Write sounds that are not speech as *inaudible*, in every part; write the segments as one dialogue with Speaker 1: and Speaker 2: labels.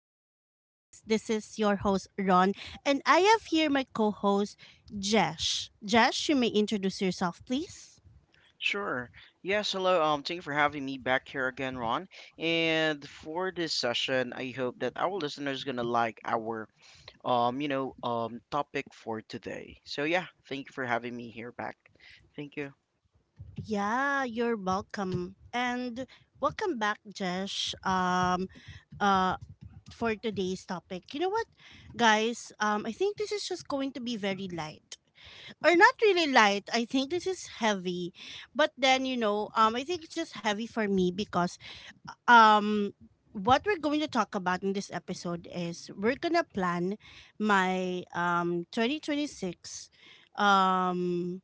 Speaker 1: Growth Podcast. This is your host, Ron, and I have here my co host, Jesh. Jesh, you may introduce yourself, please.
Speaker 2: Sure. Yes, hello. Thank you for having me back here again, Ron. And for this session, I hope that our listeners gonna like our topic for today. So yeah, thank you for having me here back. Thank you.
Speaker 1: Yeah, you're welcome. And welcome back, Jesh, uh, for today's topic. You know what, guys? I think this is just going to be very light. Or not really light. I think this is heavy. But then, I think it's just heavy for me because um what we're going to talk about in this episode is we're gonna plan my 2026 um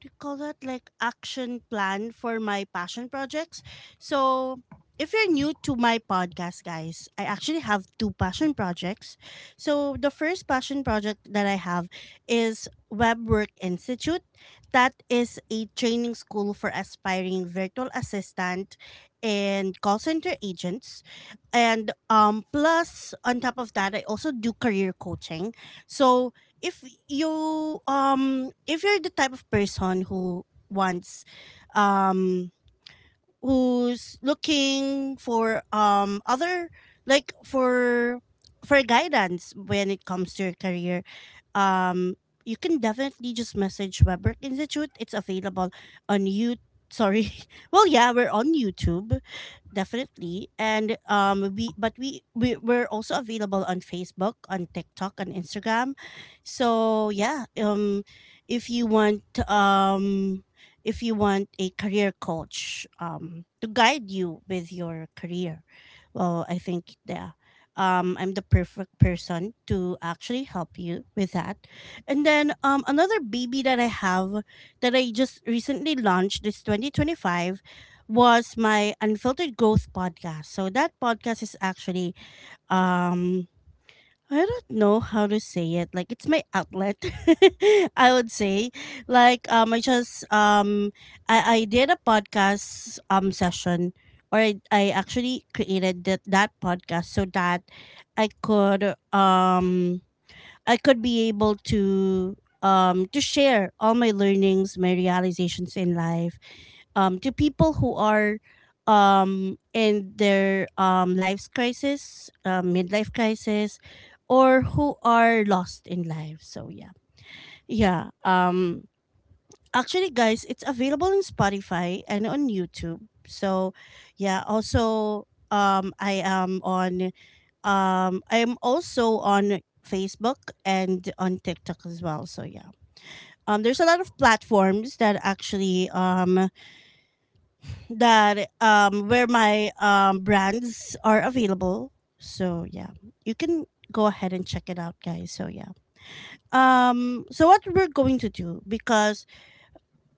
Speaker 1: do you call that like action plan for my passion projects? So if you're new to my podcast, guys, I actually have two passion projects. So the first passion project that I have is Web Work Institute. That is a training school for aspiring virtual assistant and call center agents, and plus on top of that, I also do career coaching. So if you if you're the type of person who wants um who's looking for other like for guidance when it comes to your career, um you can definitely just message Webwork Institute. It's available on you. Sorry. *laughs* Well, yeah, we're on YouTube definitely, and we but we we're also available on Facebook, on TikTok, on Instagram. So if you want um if you want a career coach to guide you with your career, well, I think, yeah, I'm the perfect person to actually help you with that. And then another baby that I have that I just recently launched this 2025 was my Unfiltered Growth podcast. So that podcast is actually um I don't know how to say it. Like, it's my outlet. *laughs* I would say like I just I did a podcast session. Or I actually created that podcast so that I could um I could be able to share all my learnings, my realizations in life, to people who are in their life's crisis, midlife crisis, or who are lost in life. So yeah, yeah. Actually, guys, it's available in Spotify and on YouTube. So yeah, also I am also on Facebook and on TikTok as well. So yeah, there's a lot of platforms that actually that where my brands are available. So yeah, you can go ahead and check it out, guys. So yeah. So what we're going to do, because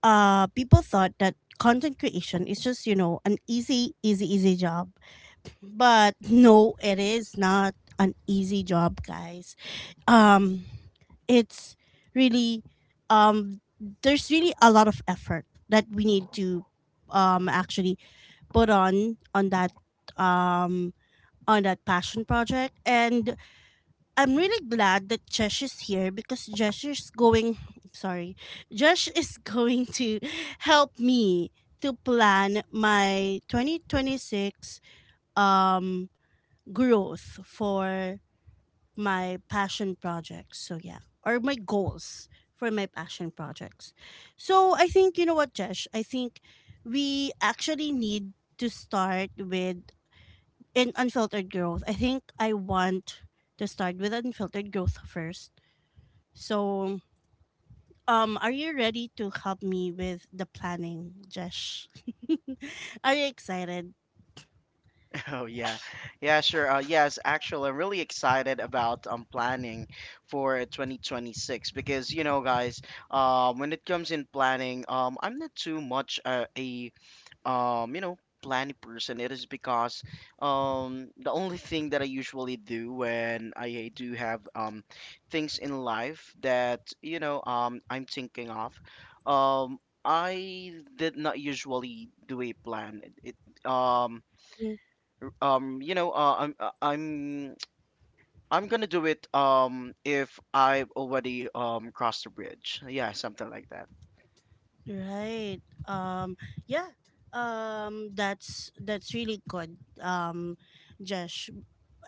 Speaker 1: people thought that content creation is just, you know, an easy job. But no, it is not an easy job, guys. Um it's really, um there's really a lot of effort that we need to actually put on that, um on that passion project. And I'm really glad that Jesh is here, because Jesh is going, sorry, Jesh *laughs* is going to help me to plan my 2026 um growth for my passion projects. So yeah, or my goals for my passion projects. So I think, you know what, Jesh, I think we actually need to start with, in Unfiltered Growth, I think I want to start with Unfiltered Growth first. So, are you ready to help me with the planning, Jesh? *laughs* Are you excited?
Speaker 2: *laughs* Oh yeah. Yeah, sure. Yes, actually, I'm really excited about planning for 2026 because you know, guys, when it comes in planning, I'm not too much a um you know planning person. It is because the only thing that I usually do when I do have things in life that I'm thinking of, um I did not usually do a plan. It,
Speaker 1: Mm.
Speaker 2: you know I'm *tsk* I'm gonna do it if I already crossed the bridge, yeah, something like that.
Speaker 1: Right. Um, yeah. That's really good. Jesh.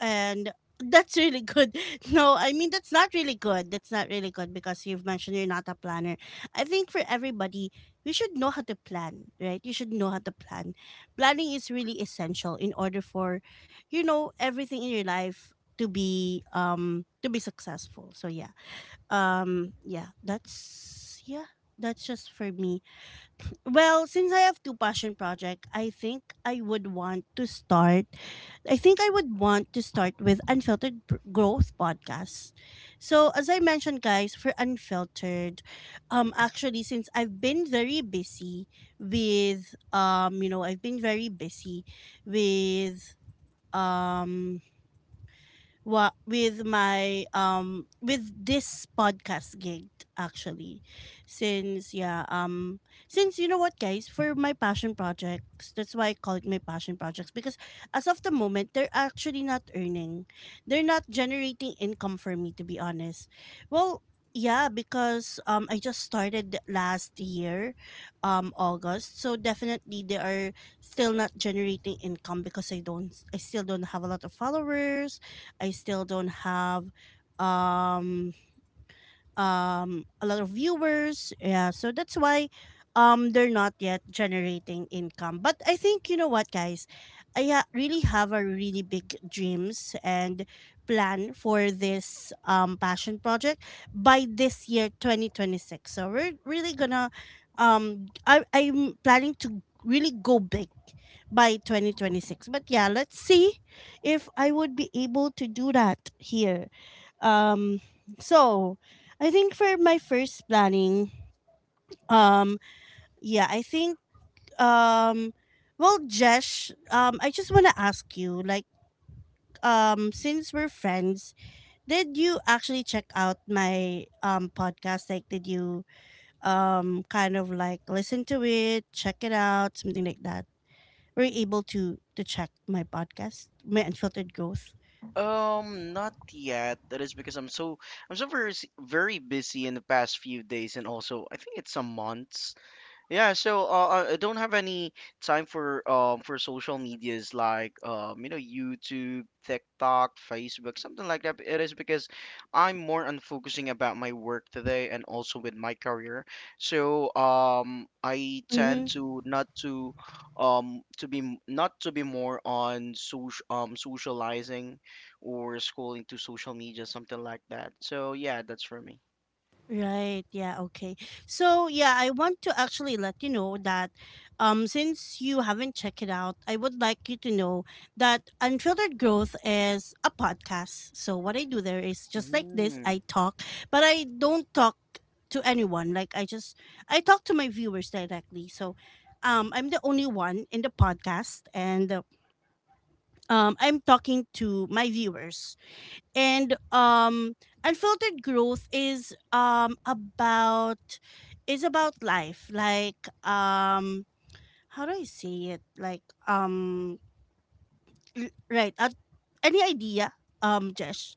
Speaker 1: And that's really good. *laughs* No, I mean, that's not really good. That's not really good, because you've mentioned you're not a planner. I think for everybody, you should know how to plan, right? You should know how to plan. Planning is really essential in order for, you know, everything in your life to be successful. So yeah. Yeah, that's just for me. Well, since I have two passion projects, I think I would want to start. I think I would want to start with Growth podcast. So, as I mentioned, guys, for Unfiltered, actually, since I've been very busy with, you know, I've been very busy with, um, with my with this podcast gig actually, since yeah um since, you know what, guys, for my passion projects, that's why I call it my passion projects, because as of the moment, they're actually not earning. They're not generating income, for me to be honest. Well, yeah, because I just started last year, August, so definitely they are still not generating income because I still don't have a lot of followers. I still don't have um a lot of viewers. Yeah, so that's why they're not yet generating income. But I think, you know what, guys, really have a really big dreams and plan for this passion project by this year 2026. So we're really gonna I'm planning to really go big by 2026, but yeah, let's see if I would be able to do that here. Um so I think for my first planning, um, yeah, I think, um, well, Jesh, I just wanna ask you, like, since we're friends, did you actually check out my podcast? Like, did you kind of like listen to it, check it out, something like that? Were you able to check my podcast, my Unfiltered Growth?
Speaker 2: Not yet. That is because I'm so, I'm so very, very busy in the past few days and also I think it's some months. Yeah, so I don't have any time for social medias like YouTube, TikTok, Facebook, something like that. It is because I'm more on focusing about my work today and also with my career. So I tend
Speaker 1: Mm-hmm.
Speaker 2: to not to to be not to be more on socializing or scrolling to social media, something like that. So yeah, that's for me.
Speaker 1: Right. Yeah. Okay. So yeah, I want to actually let you know that, since you haven't checked it out, I would like you to know that Unfiltered Growth is a podcast. So what I do there is just like this. I
Speaker 2: Mm.
Speaker 1: talk, but I don't talk to anyone. Like, I talk to my viewers directly. So, I'm the only one in the podcast, and I'm talking to my viewers and Unfiltered Growth is about is about life. Like, how do I say it? Like, right, any idea, Jesh?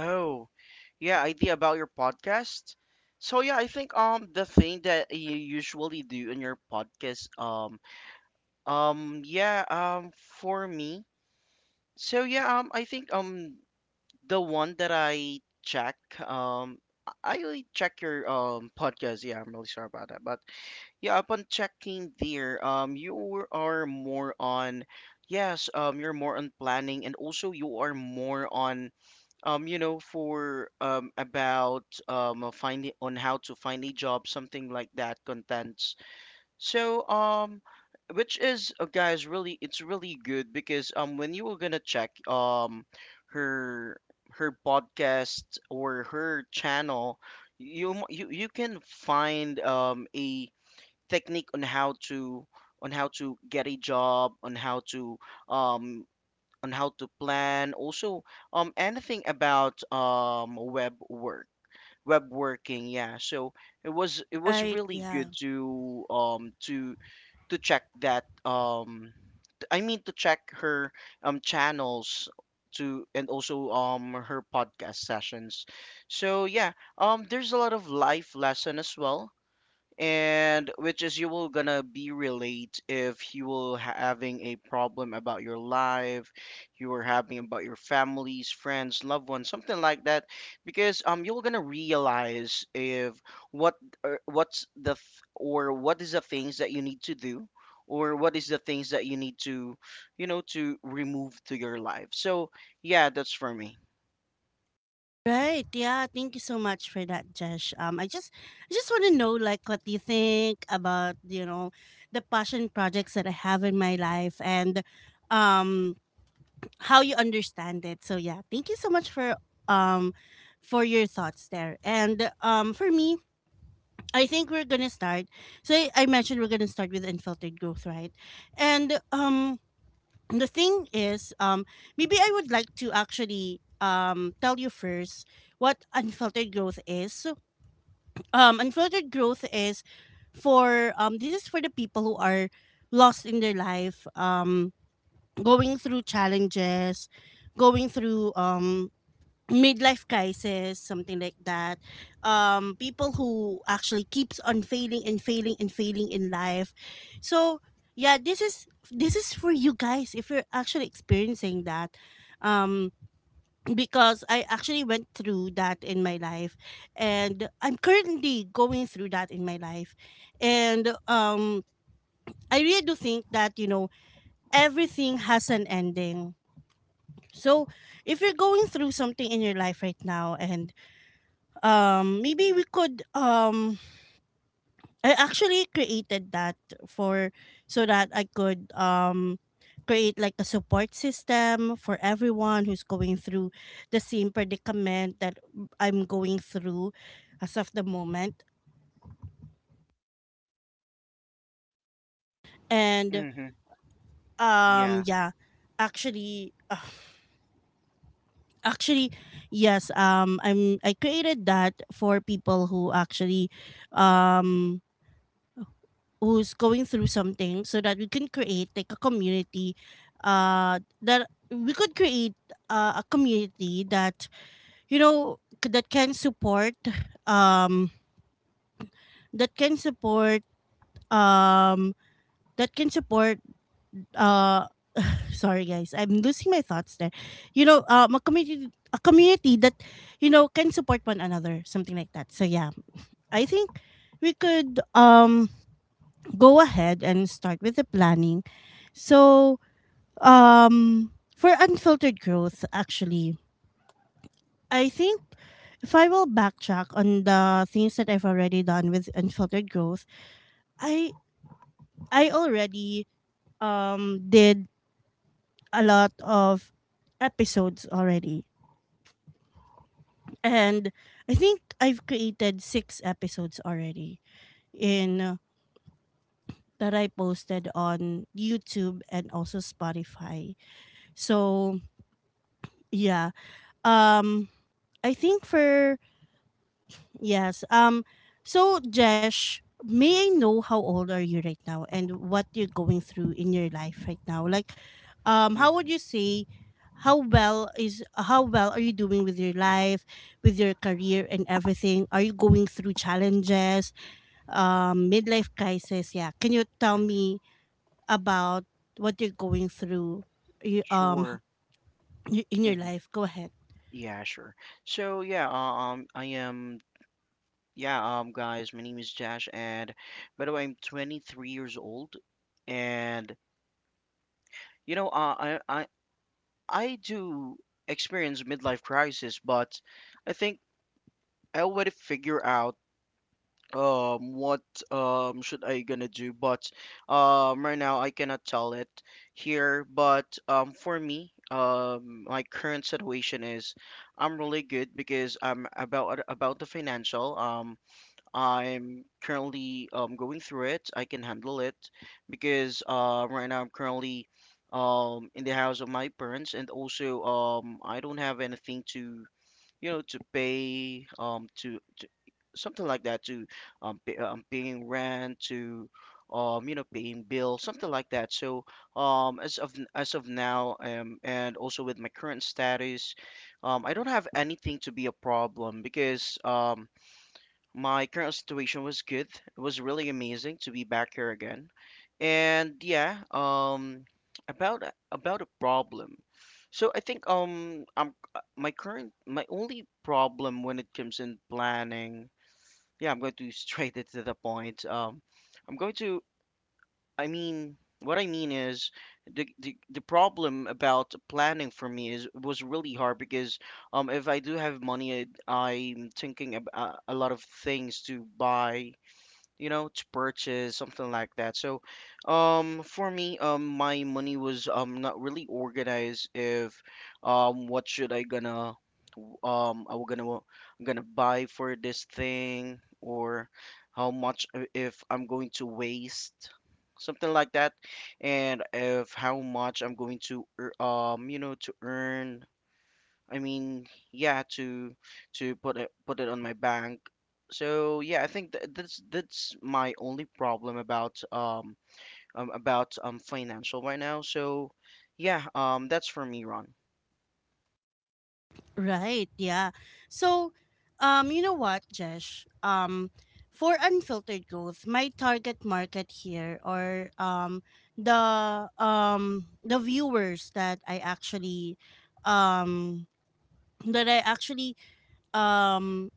Speaker 2: Oh, yeah, idea about your podcast. So yeah, I think the thing that you usually do in your podcast um yeah um for me. So yeah, I think the one that I check, um I only check your podcast. Yeah, I'm really sorry about that. But yeah, upon checking there, you are more on, yes, you're more on planning and also you are more on you know, for about finding on how to find a job, something like that, contents. So, which is, guys, really, it's really good because when you were gonna check her, her podcast or her channel, you you can find a technique on how to, on how to get a job, on how to, um on how to plan also anything about web work, web working. Yeah, so it was, it was
Speaker 1: Right,
Speaker 2: really
Speaker 1: yeah.
Speaker 2: good to check that, I mean to check her channels, to and also her podcast sessions. So yeah, there's a lot of life lesson as well, and which is you will gonna be relate if you will having a problem about your life, you are having about your families, friends, loved ones, something like that. Because you're gonna realize if what, or what is the things that you need to do, or what is the things that you need to, you know, to remove to your life. So yeah, that's for me.
Speaker 1: Right, yeah, thank you so much for that, Jesh. I just want to know like what you think about, you know, the passion projects that I have in my life and um how you understand it. So yeah, thank you so much um for your thoughts there. And for me, I think we're gonna start. So I mentioned we're gonna start with Unfiltered Growth, right? And the thing is, um, maybe I would like to actually tell you first what Unfiltered Growth is. So, Unfiltered Growth is for this is for the people who are lost in their life, going through challenges, going through midlife crisis, something like that. People who actually keeps on failing and failing and failing in life. So yeah, this is for you guys if you're actually experiencing that. Um, because I actually went through that in my life, and I'm currently going through that in my life, and I really do think that, you know, everything has an ending. So if you're going through something in your life right now, and maybe we could I actually created that for, so that I could create like a support system for everyone who's going through the same predicament that I'm going through as of the moment. And
Speaker 2: Hmm. Yeah.
Speaker 1: yeah, actually ugh, actually, yes, I created that for people who actually um who's going through something, so that we can create like a community, that we could create a community that, you know, that can support, um that can support um that can support uh sorry guys, I'm losing my thoughts there. You know, a community that, you know, can support one another, something like that. So yeah, I think we could go ahead and start with the planning. So, um, for Unfiltered Growth, actually, I think if I will backtrack on the things that I've already done with Unfiltered Growth, I I already did a lot of episodes already, and I think I've created 6 episodes already in that I posted on YouTube and also Spotify. So yeah, um, I think for, yes. So, Jesh, may I know how old are you right now and what you're going through in your life right now? Like, how would
Speaker 2: Hmm.
Speaker 1: you say, how well are you doing with your
Speaker 2: Hmm.
Speaker 1: life, with your career and everything? Are you going through challenges, midlife crisis? Yeah. Can you tell me
Speaker 2: Hmm.
Speaker 1: about what you're going through, y- um,
Speaker 2: Sure.
Speaker 1: in your life? Go ahead.
Speaker 2: Yeah, sure. So yeah, I am. Yeah, guys, my name is Josh, and by the way, I'm 23 years old, and you know, I do experience midlife crisis, but I think I already figure out what should I gonna do, but right now I cannot tell it here. But for me, my current situation is I'm really good because I'm about the financial. I'm currently going through it. I can handle it because right now I'm currently in the house of my parents, and also I don't have anything to, you know, to pay, to something like that, to pay, paying rent to, you know, paying bills, something like that. So as of, as of now, and also with my current status, I don't have anything to be a problem because my current situation was good. It was really amazing to be back here again. And yeah, about about a problem. So I think I'm my current, my only problem when it comes in planning. Yeah, I'm going to *laughs* straight it to the point. I'm going to, I mean, what I mean is the, the problem about planning for me is was really hard because if I do have money, I'm thinking about a lot of things to buy, you know, to purchase, something like that. So for me, my money was not really organized if what should I gonna, I was gonna, buy for this thing, or how much if I'm going to waste, something like that, and if how much I'm going to you know, to earn, I mean, yeah, to, put it, put it on my bank. So yeah, I think th that's my only problem about financial right now. So yeah, that's for me, Ron.
Speaker 1: Right, yeah. So, you know what, Jesh? For Unfiltered Growth, my target market here are the viewers that um I actually um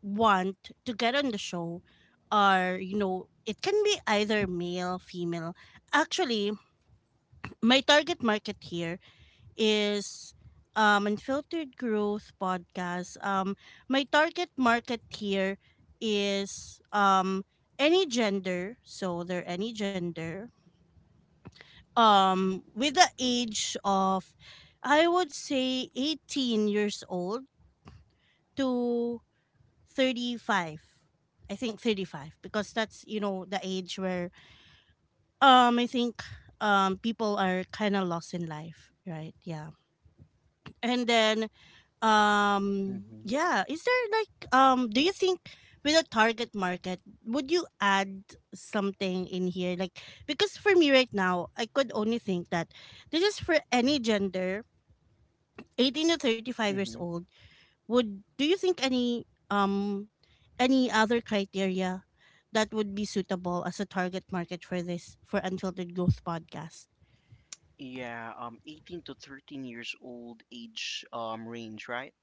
Speaker 1: want to get on the show are, you know, it can be either male, female. Actually, my target market here is Unfiltered Growth Podcast. My target market here is any gender, so they're any gender with the age of, I would say, 18 years old to 35. I think 35, because that's, you know, the age where I think people are kind of lost in life, right? Yeah. And then
Speaker 2: Mm-hmm.
Speaker 1: yeah. Is there like do you think, with a target market, would you add something in here? Like, because for me right now I could only think that this is for any gender, 18 to 35 years
Speaker 2: Mm-hmm.
Speaker 1: old. Would, do you think any other criteria that would be suitable as a target market for this, for unfiltered growth podcast?
Speaker 2: Yeah, 18 to 13 years old age range, right?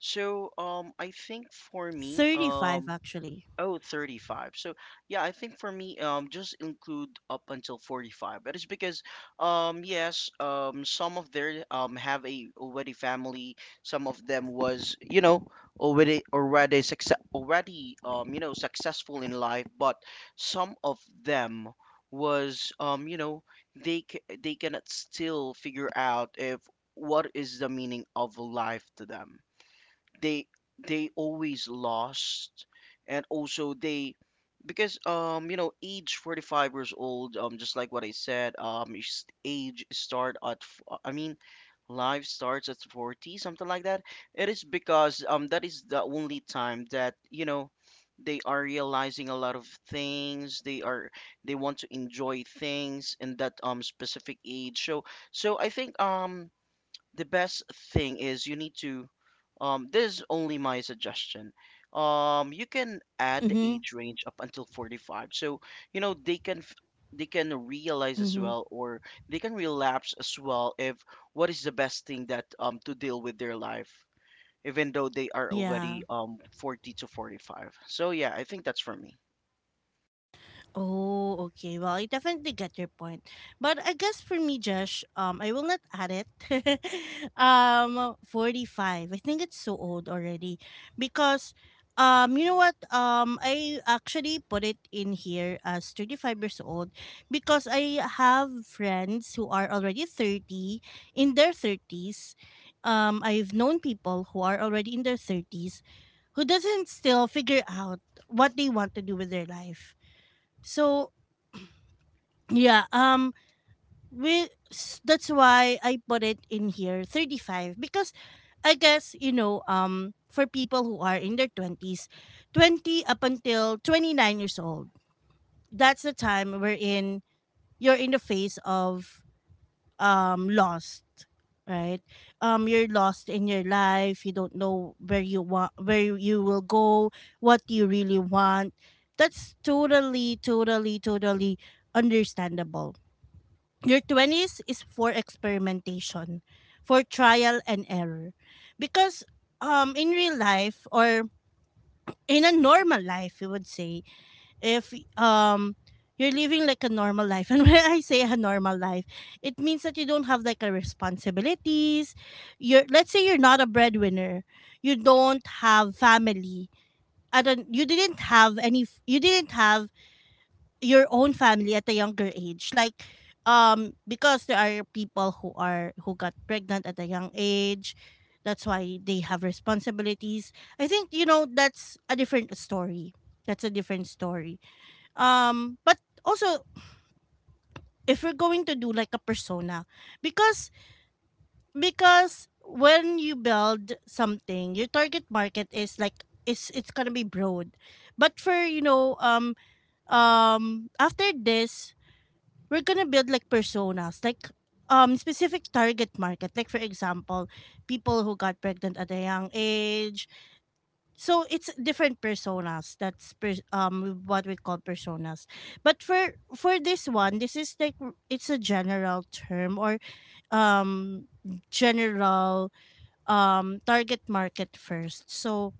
Speaker 2: So I think for me,
Speaker 1: 35
Speaker 2: um.
Speaker 1: actually.
Speaker 2: Oh, 35. So yeah, I think for me, just include up until 45. That is because, yes, some of their have a already family. Some of them was, you know, already, success already, you know, successful in life, but some of them was you know, they c they cannot still figure out if what is the meaning of life to them. They They always lost, and also they, because you know, age 45 years old, just like what I said, age start at I mean life starts at 40, something like that. It is because that is the only time that, you know, they are realizing a lot of things. They are, they want to enjoy things in that specific age. So so I think the best thing is you need to, this is only my suggestion, you can add the
Speaker 1: Mhm.
Speaker 2: age range up until 45 so you know they can they can realize as
Speaker 1: Mhm.
Speaker 2: well, or they can relapse as well if what is the best thing that to deal with their life, even though they are
Speaker 1: Yeah.
Speaker 2: already 40 to 45. So yeah, I think that's for me.
Speaker 1: Oh, okay. Well, I definitely get your point. But I guess for me, Josh, I will not add it. *laughs* 45. I think it's so old already, because you know what? I actually put it in here as 35 years old, because I have friends who are already 30, in their 30s. I've known people who are already in their 30s who doesn't still figure out what they want to do with their life. So yeah, that's why I put it in here 35, because I guess, you know, for people who are in their twenties, 20 up until 29 years old, that's the time wherein you're in the phase of lost, right? You're lost in your life. You don't know where you want, where you will go, what you really want. That's totally, totally, totally understandable. Your 20s is for experimentation, for trial and error. Because in real life, or in a normal life, you would say, if you're living like a normal life. *laughs* And when I say a normal life, it means that you don't have like a responsibilities. You're, let's say you're not a breadwinner. You don't have family. I don't you didn't have your own family at a younger age, like because there are people who are who got pregnant at a young age, that's why they have responsibilities. I think, you know, that's a different story. That's a different story. But also, if we're going to do like a persona, because because when you build something, your target market is like it's gonna be broad. But for, you know, after this, we're gonna build like personas, like specific target market. Like, for example, people who got pregnant at a young age. So it's different personas. That's what we call personas. But for this one, this is like it's a general term, or um general target market first. So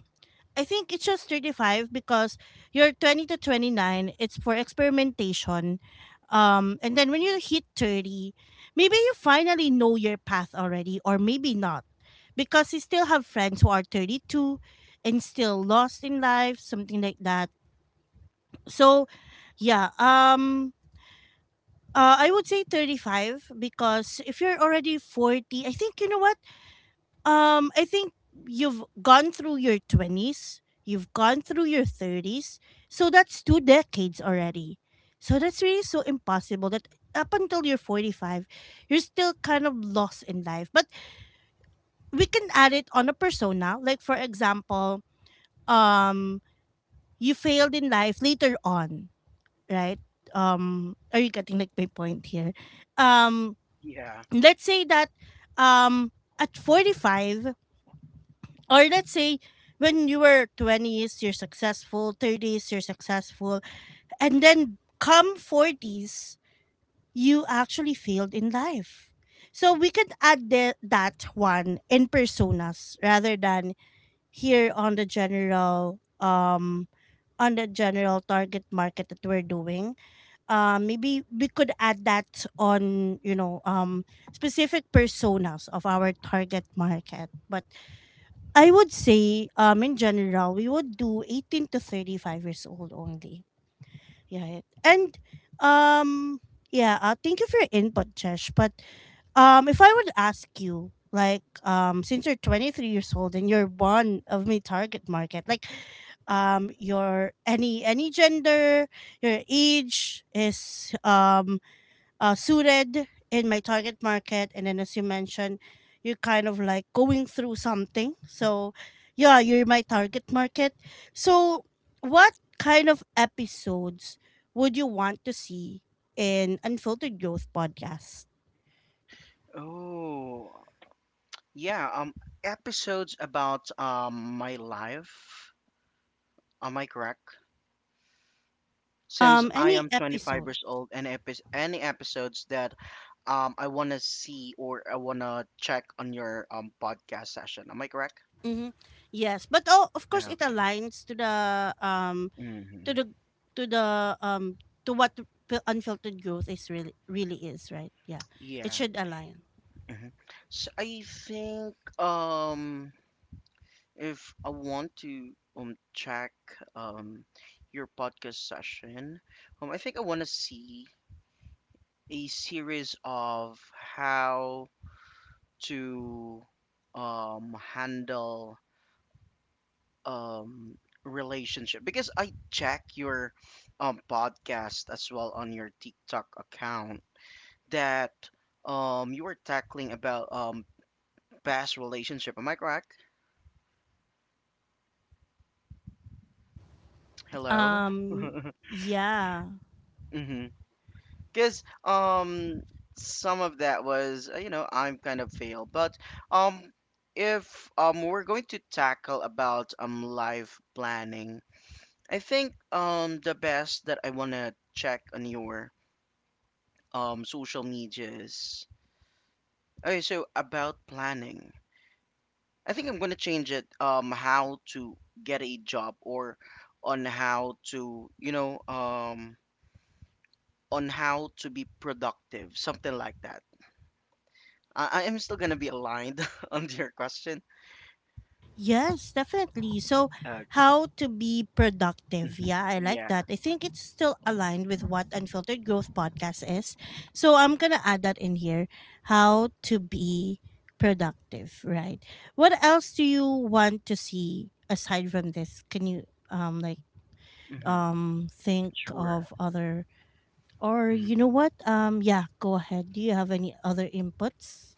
Speaker 1: I think it shows 35 because you're 20 to 29, it's for experimentation. And then when you hit 30, maybe you finally know your path already, or maybe not. Because you still have friends who are 32 and still lost in life, something like that. So, yeah, I would say 35 because if you're already 40, I think, you know what? I think you've gone through your 20s, you've gone through your 30s. So that's two decades already. So that's really so impossible that up until you're 45, you're still kind of lost in life. But we can add it on a persona. Like, for example, um, you failed in life later on, right? Are you getting like my point here? Um,
Speaker 2: Yeah.
Speaker 1: let's say that, um, at 45, or let's say when you were 20s you're successful, 30s you're successful, and then come 40s you actually failed in life. So we could add that one in personas rather than here on the general target market that we're doing. Maybe we could add that on, you know, specific personas of our target market. But I would say, in general, we would do 18 to 35 years old only. Yeah. And, um, yeah, thank you for your input, Chesh. But if I would ask you, like, since you're 23 years old and you're one of my target market, like, your any gender, your age is suited in my target market. And then, as you mentioned, you're kind of like going through something. So, yeah, you're my target market. So, what kind of episodes would you want to see in Unfiltered Growth podcast?
Speaker 2: Oh yeah, episodes about my life, am I correct? Since I
Speaker 1: Any
Speaker 2: am 25
Speaker 1: episode?
Speaker 2: years old, and if it's any episodes that I want to see or I want to check on your podcast session. Am I correct?
Speaker 1: Mm-hmm. Yes, but oh, of course, it
Speaker 2: Okay.
Speaker 1: aligns to the um to the
Speaker 2: Hmm.
Speaker 1: to the um to what unfiltered growth is really really is, right? Yeah, it
Speaker 2: Yeah.
Speaker 1: should align.
Speaker 2: Hmm. So I think if I want to check um your podcast session, I think I want to see a series of how to handle um relationship, because I check your podcast as well on your TikTok account that you were tackling about past relationship. Am I correct? Hello? *laughs*
Speaker 1: Um, yeah.
Speaker 2: Mm-hmm. Because some of that was, you know, I'm kind of failed. But um if we're going to tackle about life planning, I think the best that I wanna check on your social medias. Okay, so about planning. I think I'm gonna change it, how to get a job, or on how to, you know, on how to be productive, something like that. I am still gonna be aligned *laughs* on your question.
Speaker 1: Yes, definitely. So,
Speaker 2: Okay.
Speaker 1: how to be productive.
Speaker 2: Hmm.
Speaker 1: Yeah, I like
Speaker 2: Yeah.
Speaker 1: that. I think it's still aligned with what Unfiltered Growth Podcast is. So, I'm going to add that in here, how to be productive, right? What else do you want to see aside from this? Can you, like,
Speaker 2: Hmm.
Speaker 1: think
Speaker 2: Sure.
Speaker 1: of other, or
Speaker 2: Hmm.
Speaker 1: you know what? Yeah, go ahead. Do you have any other inputs?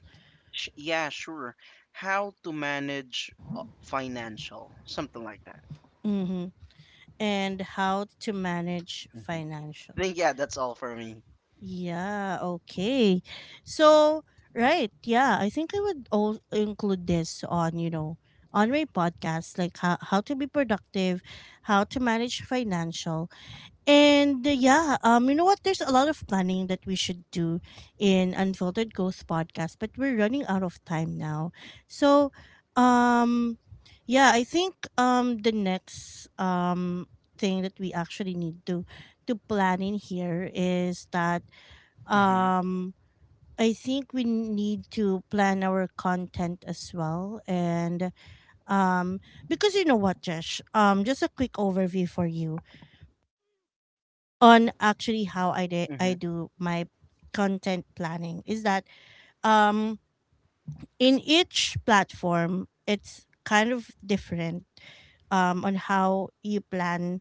Speaker 2: Yeah, sure. How to manage, financial, something like that.
Speaker 1: Mm-hmm. And how to manage
Speaker 2: Hmm.
Speaker 1: financial.
Speaker 2: I think, yeah, that's all for me.
Speaker 1: Yeah, okay. So, right, yeah, I think I would all include this on, you know, on my podcast, like how to be productive, how to manage financial. And yeah, you know what? There's a lot of planning that we should do in Unfiltered Growth podcast, but we're running out of time now. So, um, yeah, I think the next thing that we actually need to plan in here is that
Speaker 2: Hmm.
Speaker 1: um I think we need to plan our content as well. And um because you know what, Josh, just a quick overview for you on, actually, how I
Speaker 2: Hmm.
Speaker 1: do my content planning is that um in each platform it's kind of different on how you plan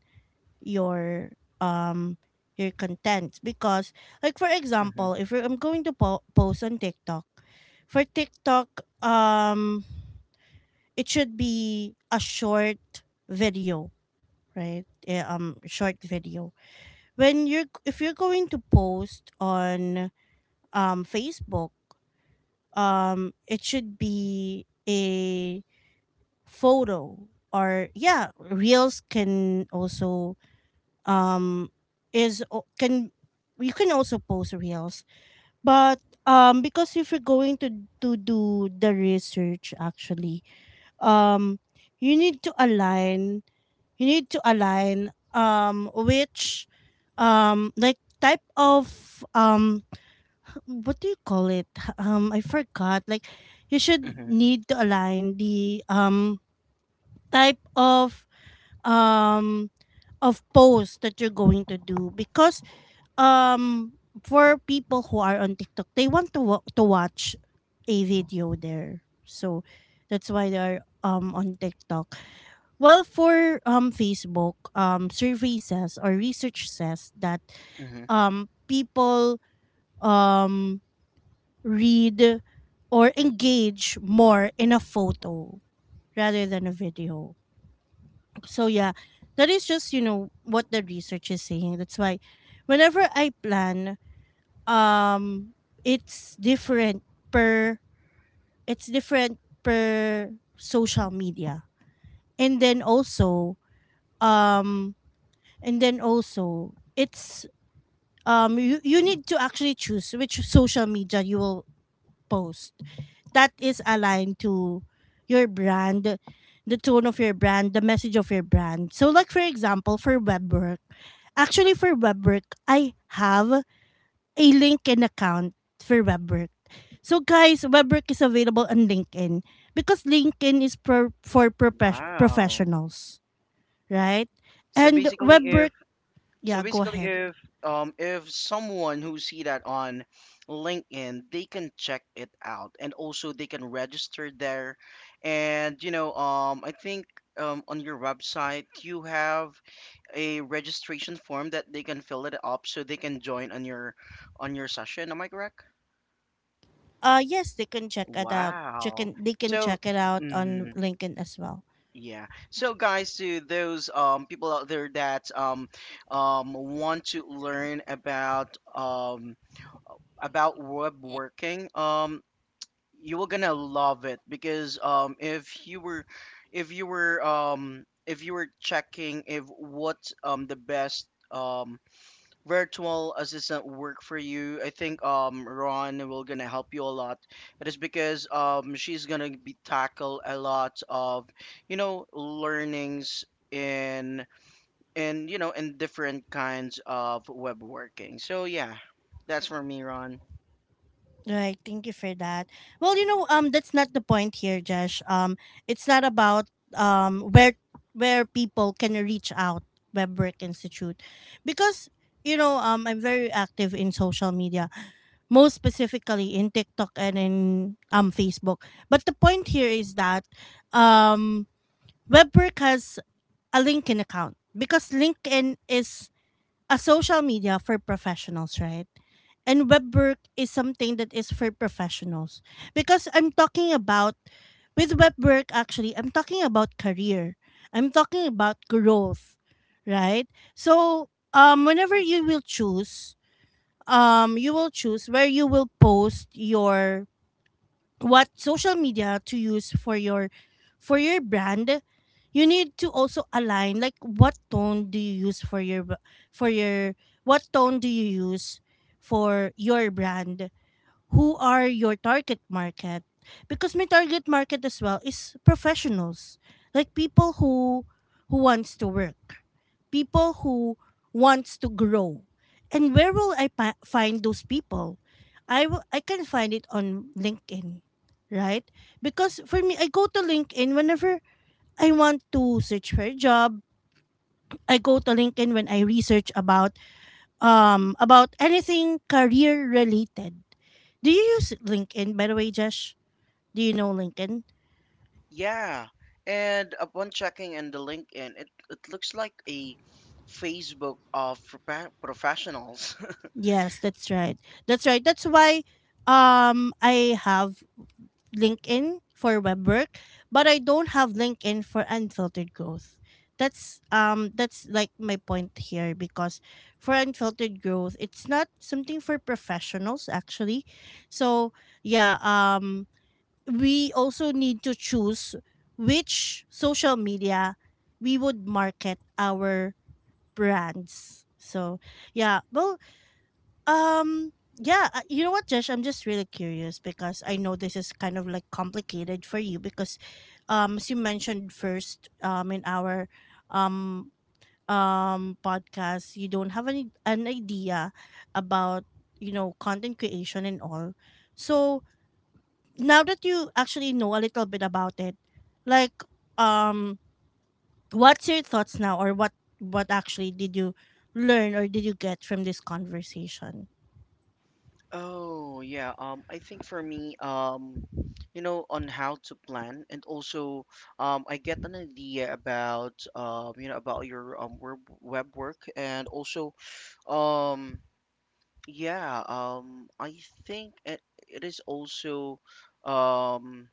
Speaker 1: your um your content. Because like, for
Speaker 2: Hmm.
Speaker 1: example, if you're, I'm going to post on TikTok, for TikTok, it should be a short video, right? Short video when you're if you're going to post on Facebook, it should be a photo, or yeah, reels can also um can, you can also post reels. But because if you're going to do the research, actually, um you need to align, you need to align which like type of what do you call it, I forgot, like, you should
Speaker 2: Mm-hmm.
Speaker 1: need to align the type um of post that you're going to do. Because um for people who are on TikTok, they want to to watch a video there. So that's why they're on TikTok. Well, for Facebook, survey says, or research says, that
Speaker 2: Mm-hmm.
Speaker 1: people um read or engage more in a photo rather than a video. So yeah, that is just, you know what, the research is saying. That's why whenever I plan, um it's different per it's different per social media. And then also, um and then also it's you need to actually choose which social media you will post that is aligned to your brand, the tone of your brand, the message of your brand. So, like, for example, for web work, actually for web work, I have a LinkedIn account for WebWork. So guys, WebWork is available on LinkedIn, because LinkedIn is for
Speaker 2: Wow.
Speaker 1: professionals, right?
Speaker 2: So
Speaker 1: And
Speaker 2: basically,
Speaker 1: WebWork,
Speaker 2: if, so
Speaker 1: yeah, go
Speaker 2: basically
Speaker 1: ahead.
Speaker 2: if someone who see that on LinkedIn, they can check it out and also they can register there. And you know, I think on your website you have a registration form that they can fill it up so they can join on your, on your session. Am I correct?
Speaker 1: Uh, yes, they can check it out. Check
Speaker 2: Wow.
Speaker 1: in, they can
Speaker 2: So.
Speaker 1: check it out on
Speaker 2: Mhm.
Speaker 1: LinkedIn as well.
Speaker 2: Yeah. So guys, to those people out there that want to learn about web working, you were gonna love it because if you were checking if what the best virtual assistant work for you, I think Ron will gonna help you a lot. It is because she's gonna be tackle a lot of, you know, learnings in, you know, in different kinds of web working. So yeah, that's for me, Ron.
Speaker 1: Right, thank you for that. Well, you know, that's not the point here, Josh. It's not about where people can reach out Webwork Institute, because you know, I'm very active in social media, most specifically in TikTok and in Facebook. But the point here is that um Webwork has a LinkedIn account, because LinkedIn is a social media for professionals, right? And web work is something that is for professionals. Because I'm talking about, with web work, actually, I'm talking about career, I'm talking about growth, right? So, whenever you will choose where you will post your, what social media to use for your, for your brand, you need to also align, like, what tone do you use for your for your, what tone do you use for your brand, who are your target market. Because my target market as well is professionals, like people who wants to work, people who wants to grow. And where will I find those people? I can find it on LinkedIn, right? Because for me, I go to LinkedIn whenever I want to search for a job. I go to LinkedIn when I research about anything career related. Do you use LinkedIn, by the way, Josh? Do you know LinkedIn?
Speaker 2: Yeah, and upon checking in the LinkedIn, it looks like a Facebook of professionals.
Speaker 1: Yes, that's right. That's right. That's why I have LinkedIn for web work, but I don't have LinkedIn for unfiltered growth. That's like my point here, because for unfiltered growth, it's not something for professionals actually. So yeah, we also need to choose which social media we would market our brands. So yeah, well, yeah, you know what, Josh? I'm just really curious because I know this is kind of like complicated for you, because, as you mentioned first, in our, um, podcast, you don't have any an idea about, you know, content creation and all. So now that you actually know a little bit about it, like um what's your thoughts now, or what actually did you learn, or did you get from this conversation?
Speaker 2: Oh, yeah. I think for me, you know, on how to plan, and also, I get an idea about, you know, about your web work, and also, um, yeah, I think it is also, um,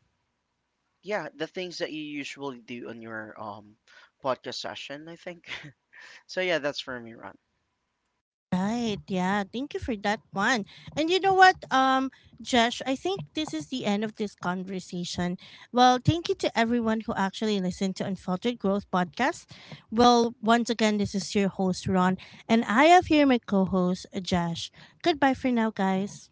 Speaker 2: yeah, the things that you usually do on your podcast session, I think. *laughs* So yeah, that's for me, Ron.
Speaker 1: Right. Yeah. Thank you for that one. And you know what, Josh, I think this is the end of this conversation. Well, thank you to everyone who actually listened to Unfiltered Growth Podcast. Well, once again, this is your host, Ron, and I have here my co host, Josh. Goodbye for now, guys.